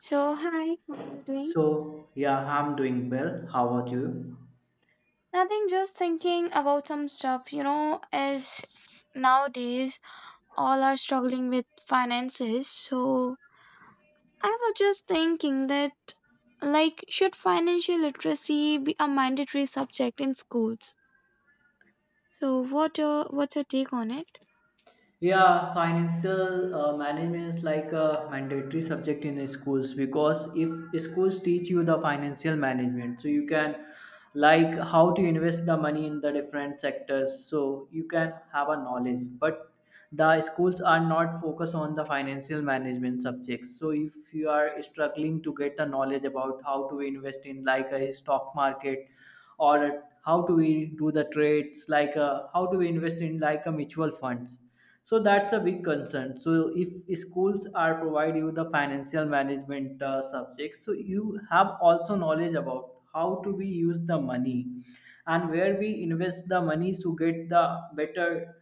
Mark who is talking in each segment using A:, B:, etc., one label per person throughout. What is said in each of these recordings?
A: So, hi, how are you doing?
B: So, yeah, I'm doing well. How about you?
A: Nothing, just thinking about some stuff. You know, as nowadays all are struggling with finances. So, I was just thinking that, like, should financial literacy be a mandatory subject in schools? So, what's your take on it?
B: Yeah, financial management is like a mandatory subject in schools, because if schools teach you the financial management, so you can like how to invest the money in the different sectors, so you can have a knowledge. But the schools are not focused on the financial management subjects. So if you are struggling to get the knowledge about how to invest in like a stock market, or how do we do the trades, like how do we invest in like a mutual funds. So that's a big concern, so if schools are provide you the financial management subject, so you have also knowledge about how to we use the money and where we invest the money to get the better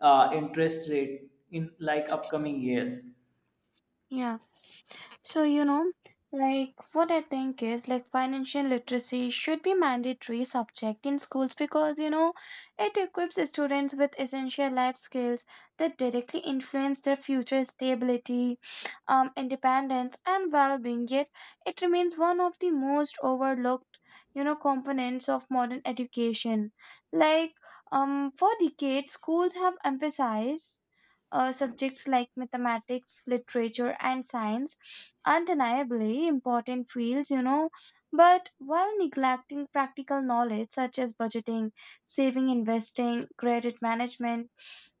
B: interest rate in like upcoming years.
A: Yeah. So, you know, like what I think is like financial literacy should be mandatory subject in schools because you know it equips students with essential life skills that directly influence their future stability, independence and well-being. Yet it remains one of the most overlooked, you know, components of modern education. Like for decades schools have emphasized subjects like mathematics, literature, and science, undeniably important fields, you know, but while neglecting practical knowledge such as budgeting, saving, investing, credit management,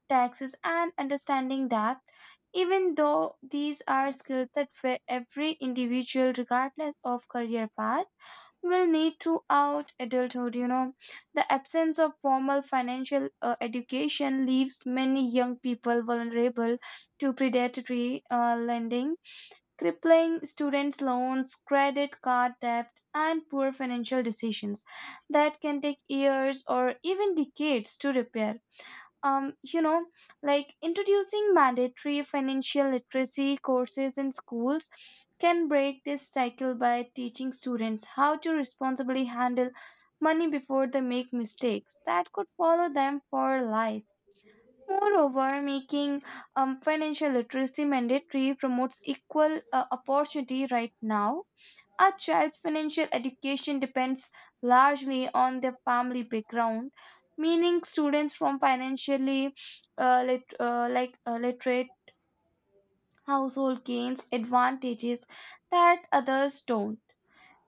A: taxes, and understanding debt, even though these are skills that fit every individual regardless of career path will need throughout adulthood. You know, the absence of formal financial education leaves many young people vulnerable to predatory lending, crippling students' loans, credit card debt, and poor financial decisions that can take years or even decades to repair you know, like introducing mandatory financial literacy courses in schools can break this cycle by teaching students how to responsibly handle money before they make mistakes that could follow them for life. Moreover, making financial literacy mandatory promotes equal opportunity right now a child's financial education depends largely on their family background, meaning students from financially literate household gains advantages that others don't.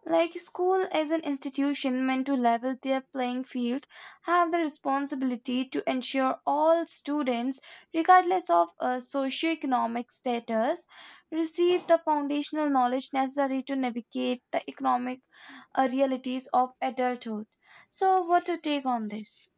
A: Like school as an institution meant to level their playing field have the responsibility to ensure all students regardless of socioeconomic status receive the foundational knowledge necessary to navigate the economic realities of adulthood. So what's your take on this?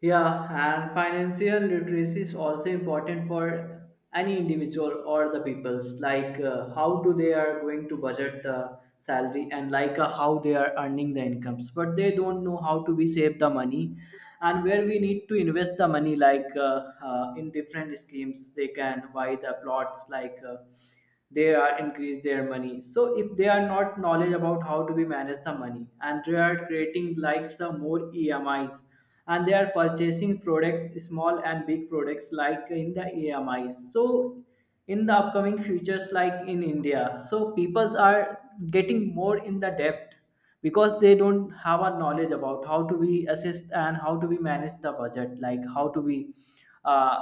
B: Yeah, and financial literacy is also important for any individual or the peoples. Like how do they are going to budget the salary, and like how they are earning the incomes, but they don't know how to be save the money and where we need to invest the money. Like in different schemes, they can buy the plots. Like they are increase their money. So if they are not knowledge about how to be manage the money, and they are creating like some more EMIs, and they are purchasing products, small and big products, like in the amis. So in the upcoming futures, like in India, so peoples are getting more in the depth, because they don't have a knowledge about how to be assist and how to be manage the budget, like how to be uh,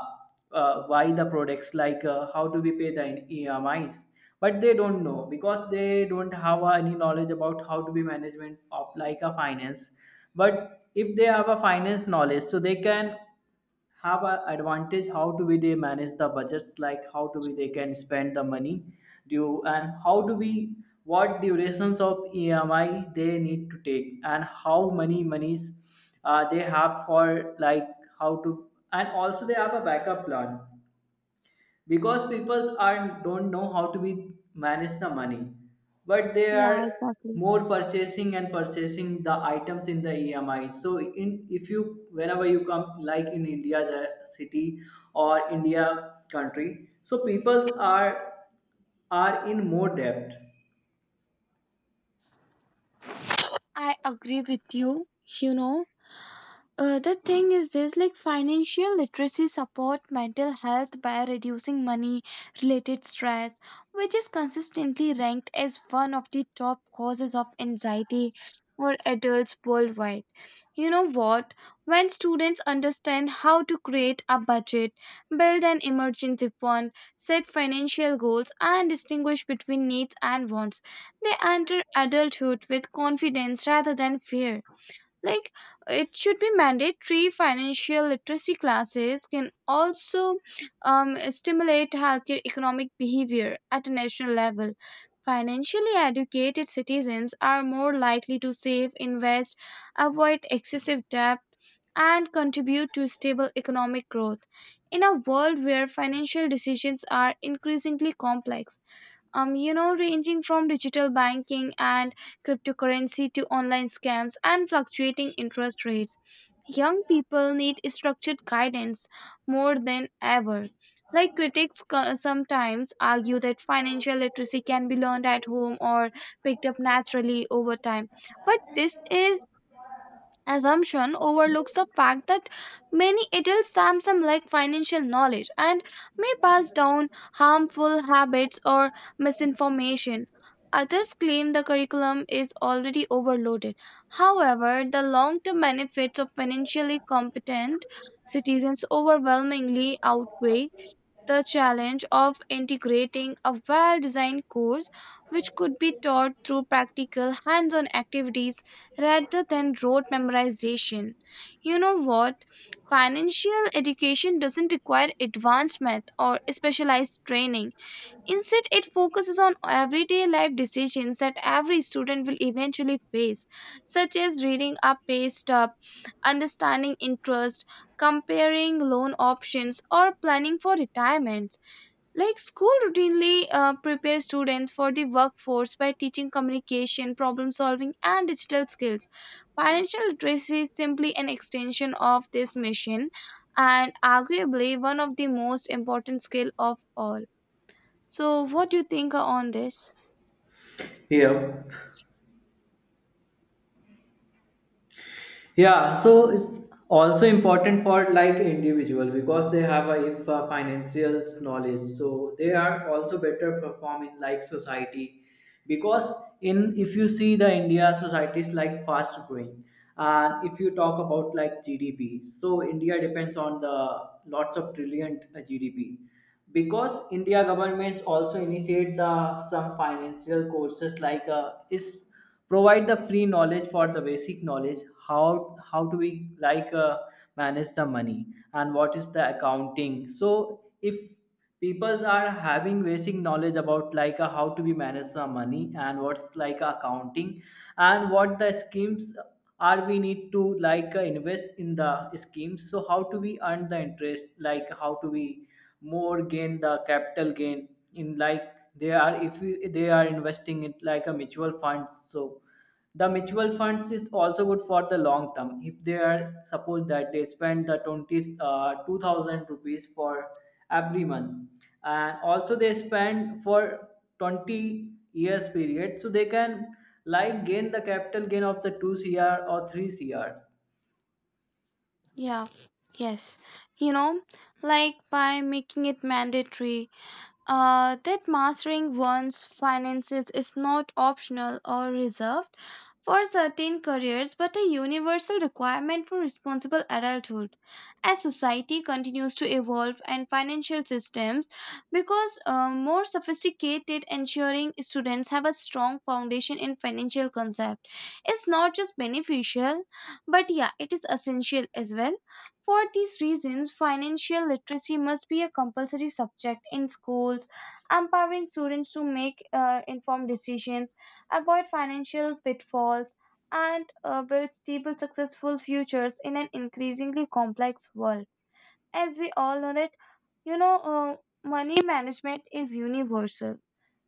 B: buy the products, like how to be pay the emis, but they don't know, because they don't have any knowledge about how to be management of like a finance. But if they have a finance knowledge, so they can have an advantage how to be they manage the budgets, like how to be they can spend the money due, and how to be what durations of EMI they need to take, and how many monies they have for like how to, and also they have a backup plan, because people are don't know how to be manage the money, but they are
A: Yeah, exactly.
B: more purchasing and purchasing the items in the emi. So in if you, whenever you come like in India, the city or India country, so people are in more debt
A: I agree with you. You know, the thing is this like financial literacy support mental health by reducing money related stress which is consistently ranked as one of the top causes of anxiety for adults worldwide. You know what, when students understand how to create a budget, build an emergency fund, set financial goals and distinguish between needs and wants, they enter adulthood with confidence rather than fear. Like it should be mandatory. Financial literacy classes can also stimulate healthier economic behavior at a national level. Financially educated citizens are more likely to save, invest, avoid excessive debt, and contribute to stable economic growth in a world where financial decisions are increasingly complex, you know, ranging from digital banking and cryptocurrency to online scams and fluctuating interest rates. Young people need structured guidance more than ever. Like critics sometimes argue that financial literacy can be learned at home or picked up naturally over time. But this is assumption overlooks the fact that many adults Samsung lack financial knowledge and may pass down harmful habits or misinformation. Others claim the curriculum is already overloaded. However, the long term benefits of financially competent citizens overwhelmingly outweigh the challenge of integrating a well designed course, which could be taught through practical hands on activities rather than rote memorization. You know what? Financial education doesn't require advanced math or specialized training. Instead, it focuses on everyday life decisions that every student will eventually face, such as reading a pay stub, understanding interest, comparing loan options, or planning for retirement. Like school routinely prepares students for the workforce by teaching communication, problem solving, and digital skills. Financial literacy is simply an extension of this mission and arguably one of the most important skill of all. So, what do you think on this?
B: here. Yeah, so it's also important for like individual, because they have a if a financial knowledge, so they are also better perform in like society. Because in if you see the India society is like fast growing. And if you talk about like gdp, so India depends on the lots of trillion gdp. Because India governments also initiate the some financial courses, like is provide the free knowledge for the basic knowledge, how do we like manage the money, and what is the accounting. So if peoples are having basic knowledge about like how to be manage the money and what's like accounting, and what the schemes are we need to like invest in the schemes. So how to we earn the interest, like how to we more gain the capital gain in like they are, if you- they are investing it like a mutual funds. So the mutual funds is also good for the long term. If they are suppose that they spend the 20 uh, 2000 rupees for every month, and also they spend for 20 years period, so they can like gain the capital gain of the 2 cr or 3 cr.
A: Yeah, yes. You know, like by making it mandatory, that mastering one's finances is not optional or reserved for certain careers but a universal requirement for responsible adulthood. As society continues to evolve and financial systems because more sophisticated, ensuring students have a strong foundation in financial concept is not just beneficial but yeah it is essential as well. For these reasons, financial literacy must be a compulsory subject in schools, empowering students to make informed decisions, avoid financial pitfalls, and build stable, successful futures in an increasingly complex world. As we all know that, you know, money management is universal.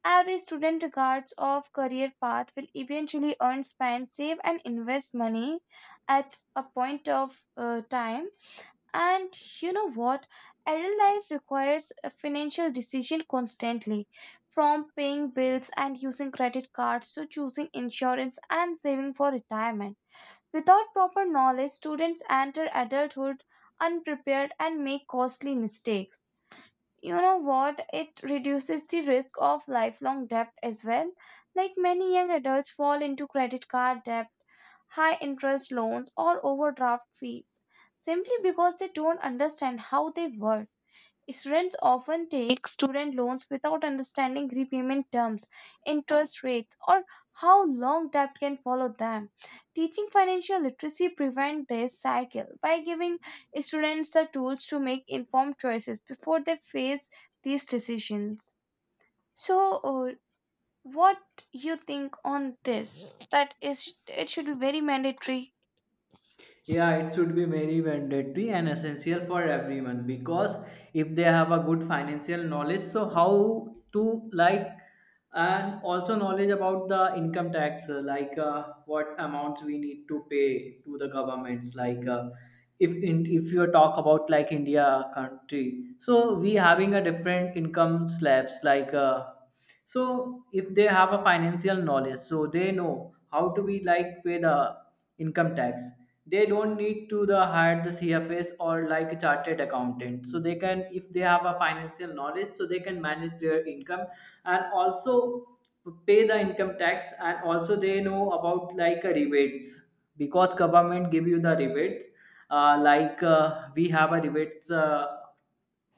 A: Every student, regardless of career path, will eventually earn, spend, save, and invest money at a point of time. And you know what? Adult life requires a financial decision constantly, from paying bills and using credit cards to choosing insurance and saving for retirement. Without proper knowledge, students enter adulthood unprepared and make costly mistakes. You know what, it reduces the risk of lifelong debt as well. Like many young adults fall into credit card debt, high interest loans or overdraft fees simply because they don't understand how they work. Students often take student loans without understanding repayment terms, interest rates, or how long debt can follow them. Teaching financial literacy prevents this cycle by giving students the tools to make informed choices before they face these decisions. So, what you think on this? That is, it should be very mandatory.
B: Yeah, it should be very mandatory and essential for everyone, because if they have a good financial knowledge, so how to like, and also knowledge about the income tax, like what amounts we need to pay to the governments, like if you talk about like India country, so we having a different income slabs like. So if they have a financial knowledge, so they know how to be like pay the income tax. They don't need to the hire the cfs or like a chartered accountant, so they can, if they have a financial knowledge, so they can manage their income, and also pay the income tax, and also they know about like a rebates, because government give you the rebates, like we have a rebates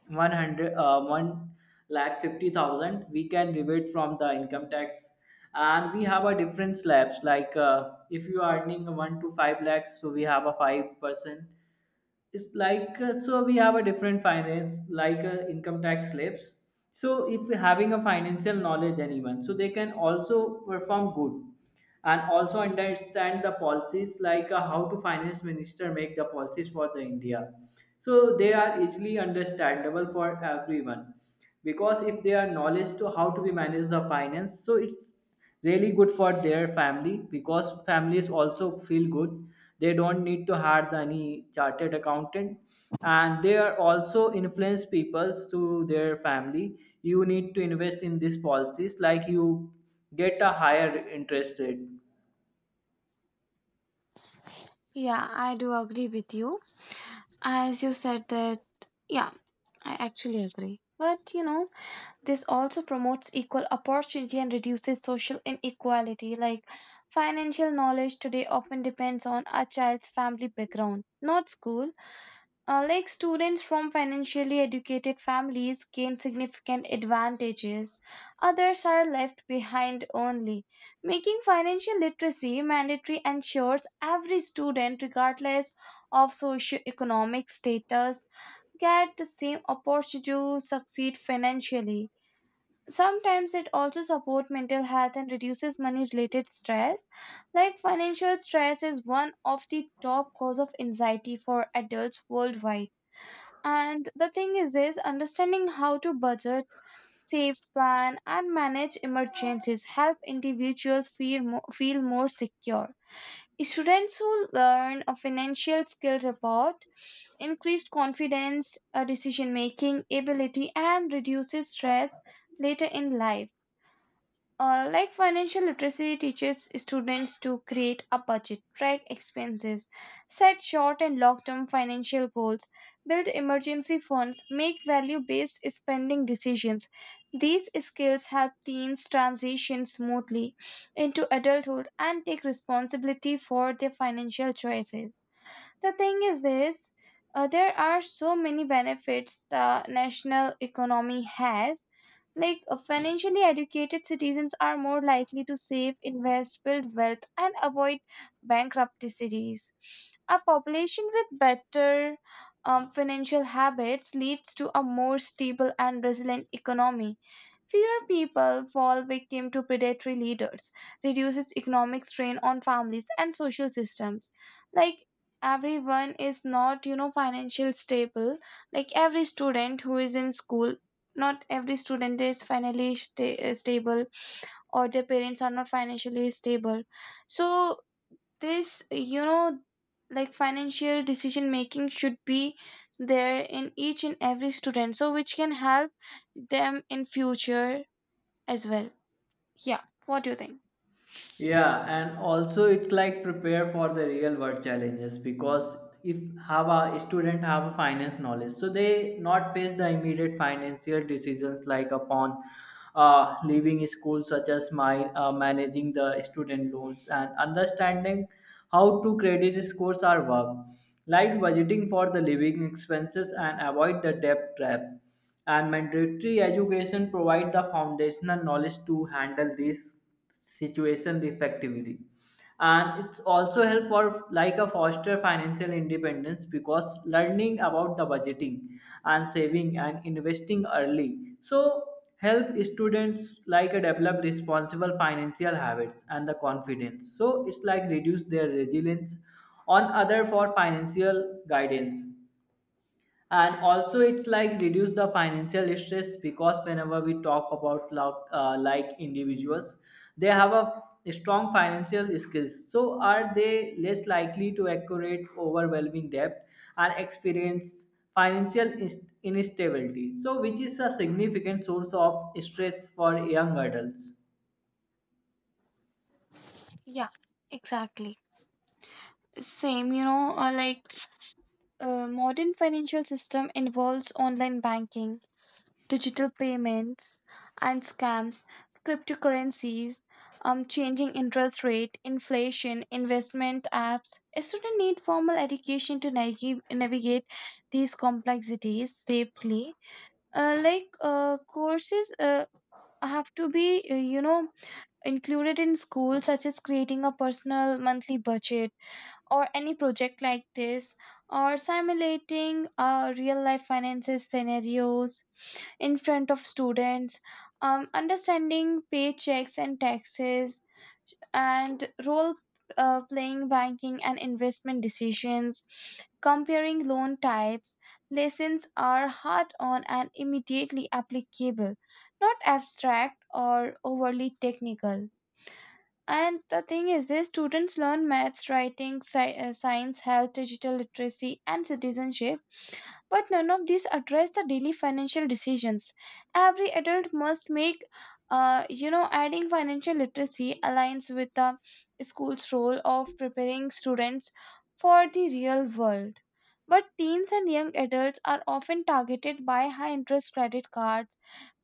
B: 100 one lakh 50,000 we can rebate from the income tax. And we have a different slabs, like if you are earning one to five lakhs, so we have a 5%. It's like so we have a different finance, like income tax slabs. So if we having a financial knowledge, anyone, so they can also perform good and also understand the policies, like how to finance minister make the policies for the India, so they are easily understandable for everyone. Because if they are knowledge to how to be manage the finance, so it's really good for their family, because families also feel good. They don't need to hire the any chartered accountant. And they are also influence peoples to their family, you need to invest in these policies, like you get a higher interest rate.
A: Yeah, I do agree with you. As you said that, yeah, I actually agree. But you know, this also promotes equal opportunity and reduces social inequality. Like financial knowledge today often depends on a child's family background, not school. Like students from financially educated families gain significant advantages, others are left behind only. Making financial literacy mandatory ensures every student, regardless of socioeconomic status, get the same opportunity to succeed financially. Sometimes it also supports mental health and reduces money related stress. Like financial stress is one of the top cause of anxiety for adults worldwide, and the thing is understanding how to budget, save, plan and manage emergencies help individuals feel more secure. Students who learn a financial skill report increased confidence, decision making ability and reduces stress later in life. Like financial literacy teaches students to create a budget, track expenses, set short and long term financial goals, build emergency funds, make value based spending decisions. These skills help teens transition smoothly into adulthood and take responsibility for their financial choices. The thing is this, there are so many benefits the national economy has. Like financially educated citizens are more likely to save, invest, build wealth, and avoid bankruptcy cities. A population with better financial habits leads to a more stable and resilient economy. Fewer people fall victim to predatory leaders, reduces economic strain on families and social systems. Like everyone is not you know financial stable. Like every student who is in school, not every student is stable, or their parents are not financially stable. So this you know, like financial decision making should be there in each and every student, so which can help them in future as well. Yeah, what do you think?
B: Yeah, and also it's like prepare for the real world challenges, because if have a student have a finance knowledge, so they not face the immediate financial decisions, like upon leaving school, such as my managing the student loans, and understanding how to credit scores are work, like budgeting for the living expenses and avoid the debt trap. And mandatory education provide the foundational knowledge to handle this situation effectively. And it's also help for like a foster financial independence, because learning about the budgeting and saving and investing early, so help students like a develop responsible financial habits and the confidence. So it's like reduce their resilience on other for financial guidance. And also it's like reduce the financial stress, because whenever we talk about like individuals, they have a strong financial skills, so are they less likely to accurate overwhelming debt and experience financial instability, so which is a significant source of stress for young adults.
A: Yeah, exactly. Same you know or like a modern financial system involves online banking, digital payments and scams, cryptocurrencies, changing interest rate, inflation, investment apps. A student need formal education to navigate these complexities safely. Courses have to be, you know, included in school, such as creating a personal monthly budget or any project like this, or simulating real life finances scenarios in front of students, understanding paychecks and taxes, and role playing banking and investment decisions, comparing loan types. Lessons are hard on and immediately applicable, not abstract or overly technical. And the thing is this, students learn maths, writing, science, health, digital literacy, and citizenship, but none of these address the daily financial decisions every adult must make. You know, adding financial literacy aligns with the school's role of preparing students for the real world. But teens and young adults are often targeted by high interest credit cards,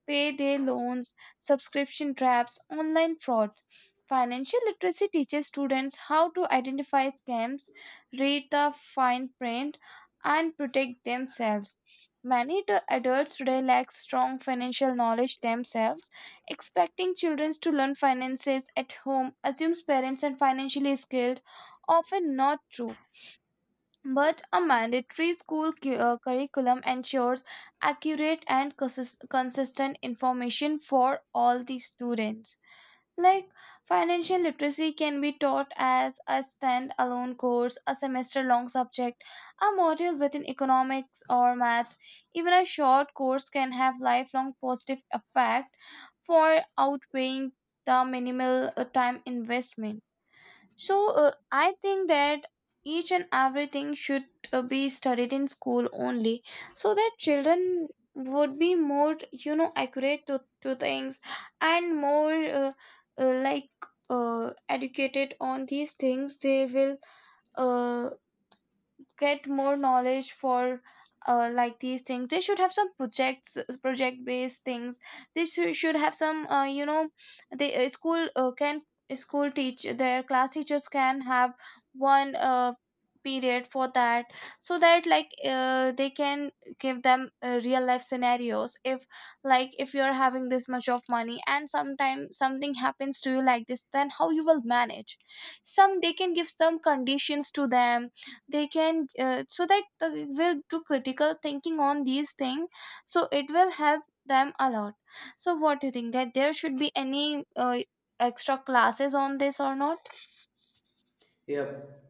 A: payday loans, subscription traps, online frauds. Financial literacy teaches students how to identify scams, read the fine print, and protect themselves. Many adults today lack strong financial knowledge themselves. Expecting children to learn finances at home assumes parents are financially skilled, often not true. But a mandatory school curriculum ensures accurate and consistent information for all the students. Like financial literacy can be taught as a standalone course, a semester long subject, a module within economics or maths. Even a short course can have lifelong positive effect for outweighing the minimal time investment. So I think that each and everything should be studied in school only, so that children would be more you know accurate to things, and more uh, like educated on these things. They will uh, get more knowledge for these things. They should have some project based things. They should have some they school can school teach their class teachers can have one period for that, so that they can give them real life scenarios. If like if you're having this much of money and sometime something happens to you like this, then how you will manage. Some they can give some conditions to them. They can so that they will do critical thinking on these things, so it will help them a lot. So what do you think, that there should be any extra classes on this or not?
B: Yep.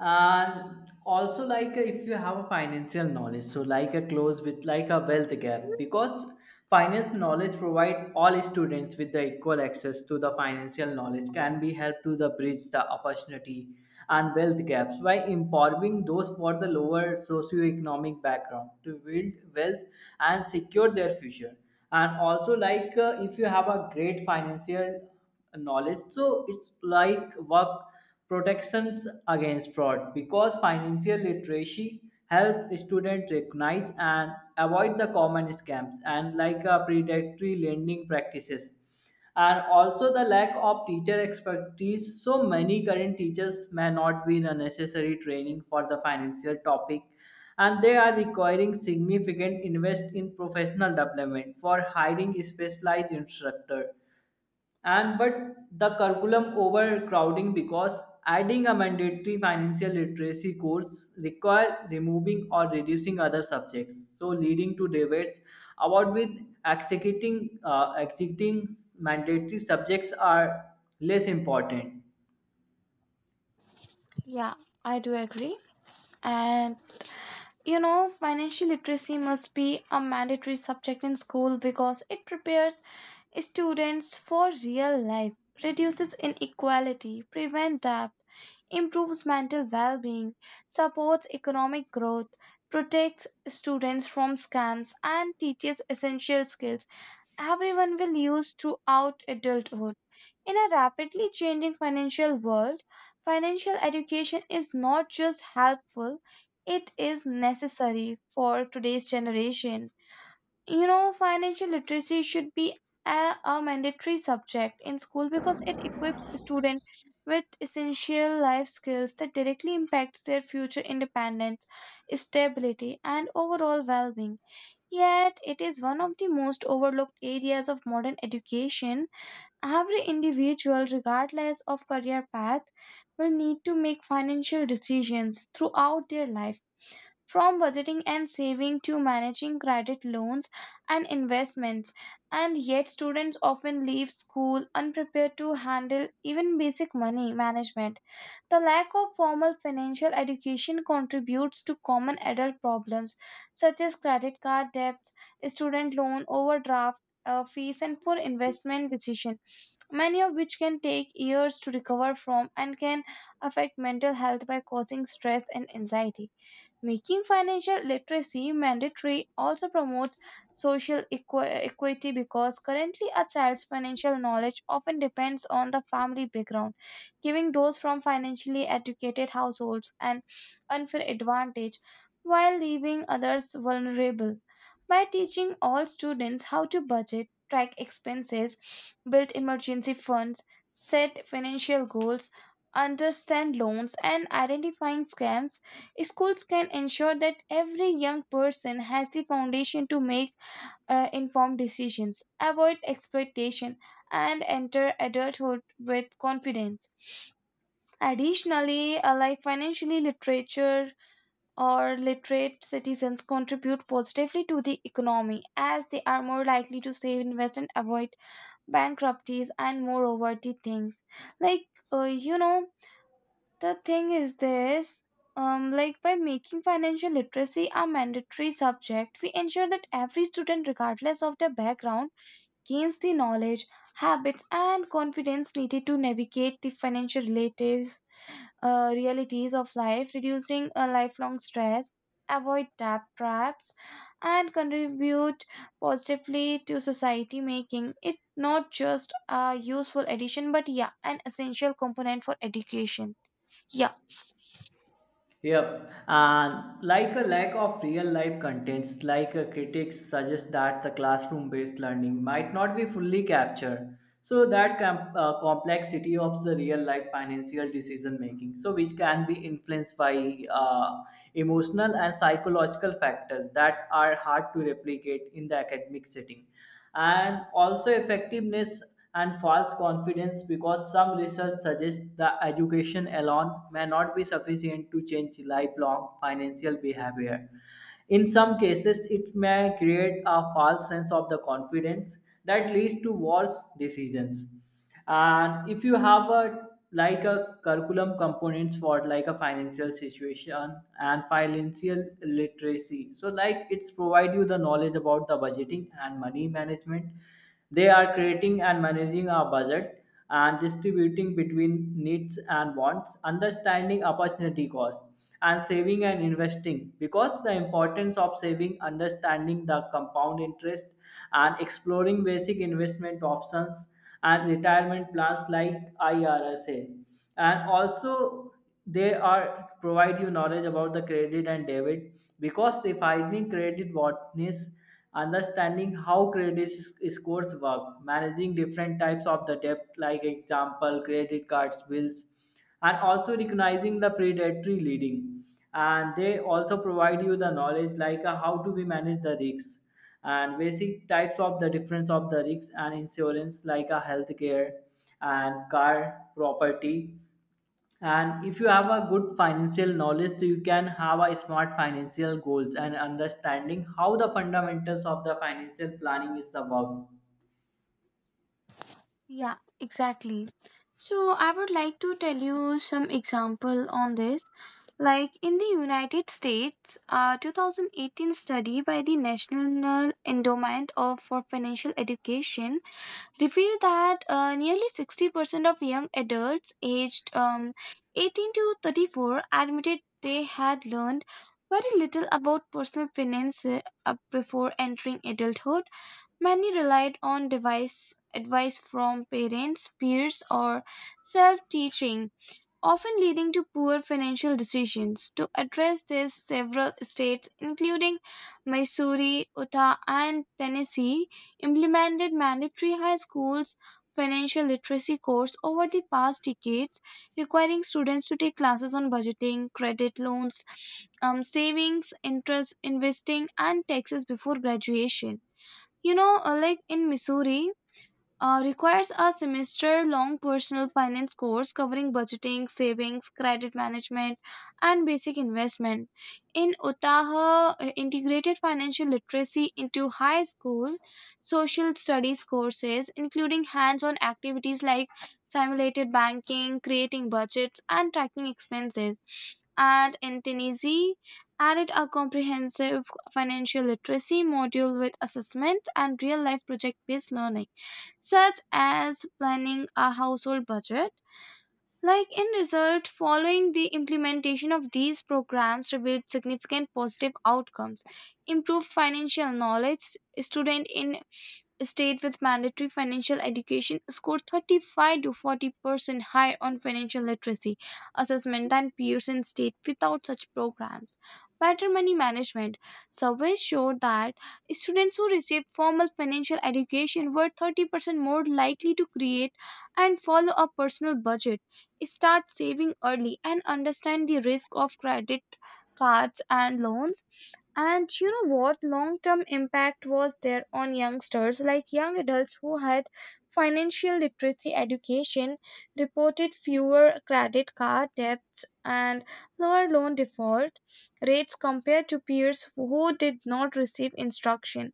B: And also like if you have a financial knowledge, so like a close with like a wealth gap, because finance knowledge provide all students with the equal access to the financial knowledge, can be help to the bridge the opportunity and wealth gaps by empowering those for the lower socioeconomic background to build wealth and secure their future. And also like if you have a great financial knowledge, so it's like work protections against fraud, because financial literacy help students recognize and avoid the common scams, and like predatory lending practices. And also the lack of teacher expertise, so many current teachers may not be in a necessary training for the financial topic, and they are requiring significant invest in professional development for hiring specialized instructor. And but the curriculum overcrowding, because adding a mandatory financial literacy course require removing or reducing other subjects, so leading to debates about with executing mandatory subjects are less important.
A: Yeah, I do agree. And you know, financial literacy must be a mandatory subject in school because it prepares students for real life, reduces inequality, prevents debt, improves mental well being, supports economic growth, protects students from scams, and teaches essential skills everyone will use throughout adulthood. In a rapidly changing financial world, financial education is not just helpful, it is necessary for today's generation. You know, financial literacy should be a mandatory subject in school because it equips students with essential life skills that directly impacts their future independence, stability, and overall well-being, yet it is one of the most overlooked areas of modern education. Every individual, regardless of career path, will need to make financial decisions throughout their life, from budgeting and saving to managing credit loans and investments. And yet, students often leave school unprepared to handle even basic money management. The lack of formal financial education contributes to common adult problems such as credit card debts, student loan overdraft. Fees and poor investment decision, many of which can take years to recover from and can affect mental health by causing stress and anxiety. Making financial literacy mandatory also promotes social equity, because currently a child's financial knowledge often depends on the family background, giving those from financially educated households an unfair advantage while leaving others vulnerable. By teaching all students how to budget, track expenses, build emergency funds, set financial goals, understand loans, and identifying scams, schools can ensure that every young person has the foundation to make informed decisions, avoid exploitation, and enter adulthood with confidence. Additionally, financially literature or literate citizens contribute positively to the economy, as they are more likely to save, invest, and avoid bankruptcies. And moreover, the things like uh, you know the thing is this, like by making financial literacy a mandatory subject, we ensure that every student, regardless of their background, gains the knowledge, habits, and confidence needed to navigate the financial realities of life, reducing lifelong stress, avoid debt traps, and contribute positively to society, making it not just a useful addition, but yeah, an essential component for education. Yeah.
B: Yep. And like a lack of real life contents, like a critics suggest that the classroom based learning might not be fully captured. So that complexity of the real life financial decision making, so which can be influenced by emotional and psychological factors that are hard to replicate in the academic setting. And also effectiveness and false confidence, because some research suggests that education alone may not be sufficient to change lifelong financial behavior. In some cases, it may create a false sense of the confidence that leads to worse decisions. And if you have a like a curriculum components for like a financial situation and financial literacy, so like it's provide you the knowledge about the budgeting and money management. They are creating and managing a budget, and distributing between needs and wants, understanding opportunity cost, and saving and investing, because the importance of saving, understanding the compound interest, and exploring basic investment options and retirement plans like IRSA. And also they are provide you knowledge about the credit and debit, because defining credit worthiness, understanding how credit scores work, managing different types of the debt, like example credit cards bills. And also recognizing the predatory leading. And they also provide you the knowledge, like how to be manage the risks, and basic types of the difference of the risks and insurance, like a healthcare and car property. And if you have a good financial knowledge, so you can have a smart financial goals, and understanding how the fundamentals of the financial planning is the work.
A: Yeah, exactly. So I would like to tell you some example on this. Like in the United States, a 2018 study by the National Endowment of for Financial Education revealed that nearly 60% of young adults aged 18 to 34 admitted they had learned very little about personal finance before entering adulthood. Many relied on advice from parents, peers, or self teaching, often leading to poor financial decisions. To address this, several states, including Missouri, Utah, and Tennessee, implemented mandatory high schools financial literacy course over the past decades, requiring students to take classes on budgeting credit loans, savings interest investing and taxes before graduation. You know, like in Missouri, requires a semester long personal finance course covering budgeting, savings, credit management, and basic investment. In Otaha, integrated financial literacy into high school social studies courses, including hands on activities like simulated banking, creating budgets, and tracking expenses. And in Tennessee, added a comprehensive financial literacy module with assessment and real life project based learning such as planning a household budget. Like in result, following the implementation of these programs revealed significant positive outcomes, improved financial knowledge. Student in state with mandatory financial education scored 35 to 40% higher on financial literacy assessment than peers in state without such programs. Better money management surveys showed that students who received formal financial education were 30% more likely to create and follow a personal budget, start saving early, and understand the risk of credit cards and loans. And you know what? Long term impact was there on youngsters, like young adults who had financial literacy education reported fewer credit card debts and lower loan default rates compared to peers who did not receive instruction.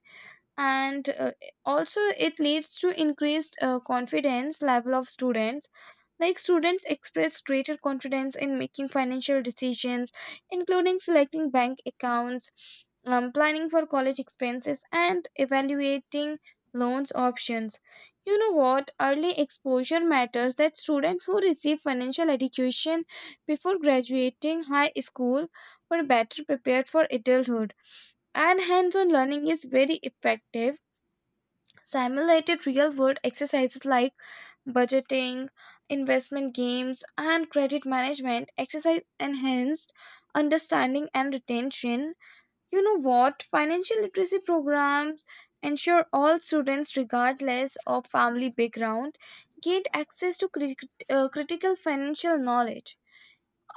A: And also, it leads to increased confidence level of students, like students expressed greater confidence in making financial decisions, including selecting bank accounts, planning for college expenses, and evaluating loans options. You know what? Early exposure matters, that students who receive financial education before graduating high school were better prepared for adulthood, and hands-on learning is very effective. Simulated real world exercises like budgeting, investment games, and credit management exercise enhanced understanding and retention. You know what? Financial literacy programs ensure all students, regardless of family background, gain access to critical financial knowledge,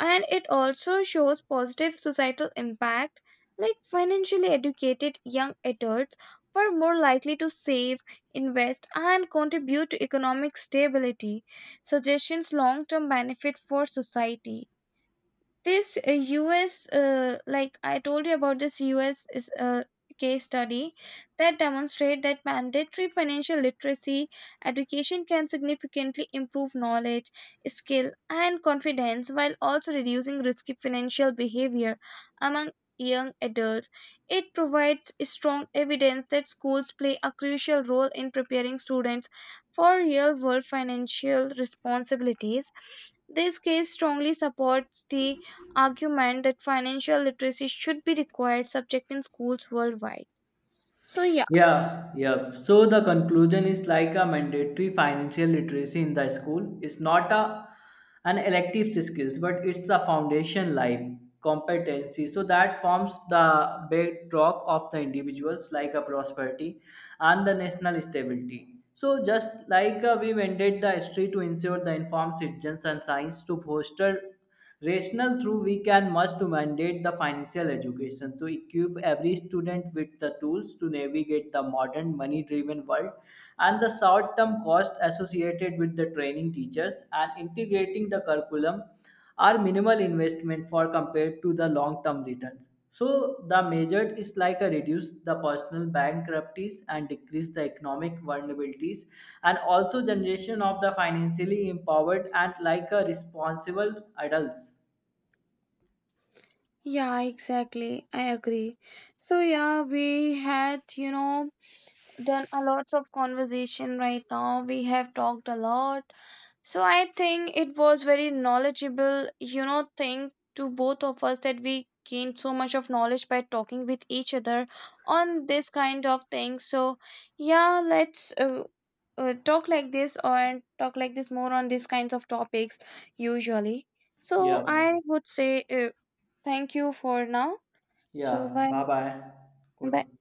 A: and it also shows positive societal impact, like financially educated young adults were more likely to save, invest, and contribute to economic stability, suggestions long term benefit for society. This us like I told you about this us is a case study that demonstrate that mandatory financial literacy education can significantly improve knowledge, skill, and confidence, while also reducing risky financial behavior among young adults. It provides strong evidence that schools play a crucial role in preparing students for real world financial responsibilities. This case strongly supports the argument that financial literacy should be required subject in schools worldwide. So yeah,
B: Yeah, yeah. So the conclusion is like a mandatory financial literacy in the school. It's not a an elective skills, but it's a foundation, like competency. So that forms the bedrock of the individuals, like a prosperity and the national stability. So just like we mandate the history to ensure the informed citizens, and science to foster rational through, we can must mandate the financial education to equip every student with the tools to navigate the modern money driven world. And the short term cost associated with the training teachers and integrating the curriculum are minimal investment for compared to the long term returns. So the measure is like a reduce the personal bankruptcies and decrease the economic vulnerabilities, and also generation of the financially empowered and like a responsible adults.
A: yeah, exactly. I agree. So yeah, we had, you know, done a lots of conversation right now. We have talked a lot. So I think it was very knowledgeable, you know, thing to both of us, that we gained so much of knowledge by talking with each other on this kind of thing. So yeah, let's talk like this, or talk like this more on these kinds of topics usually. So
B: Yeah.
A: I would say thank you for now. So
B: Yeah.
A: bye.
B: Bye bye.
A: Bye.
B: Good.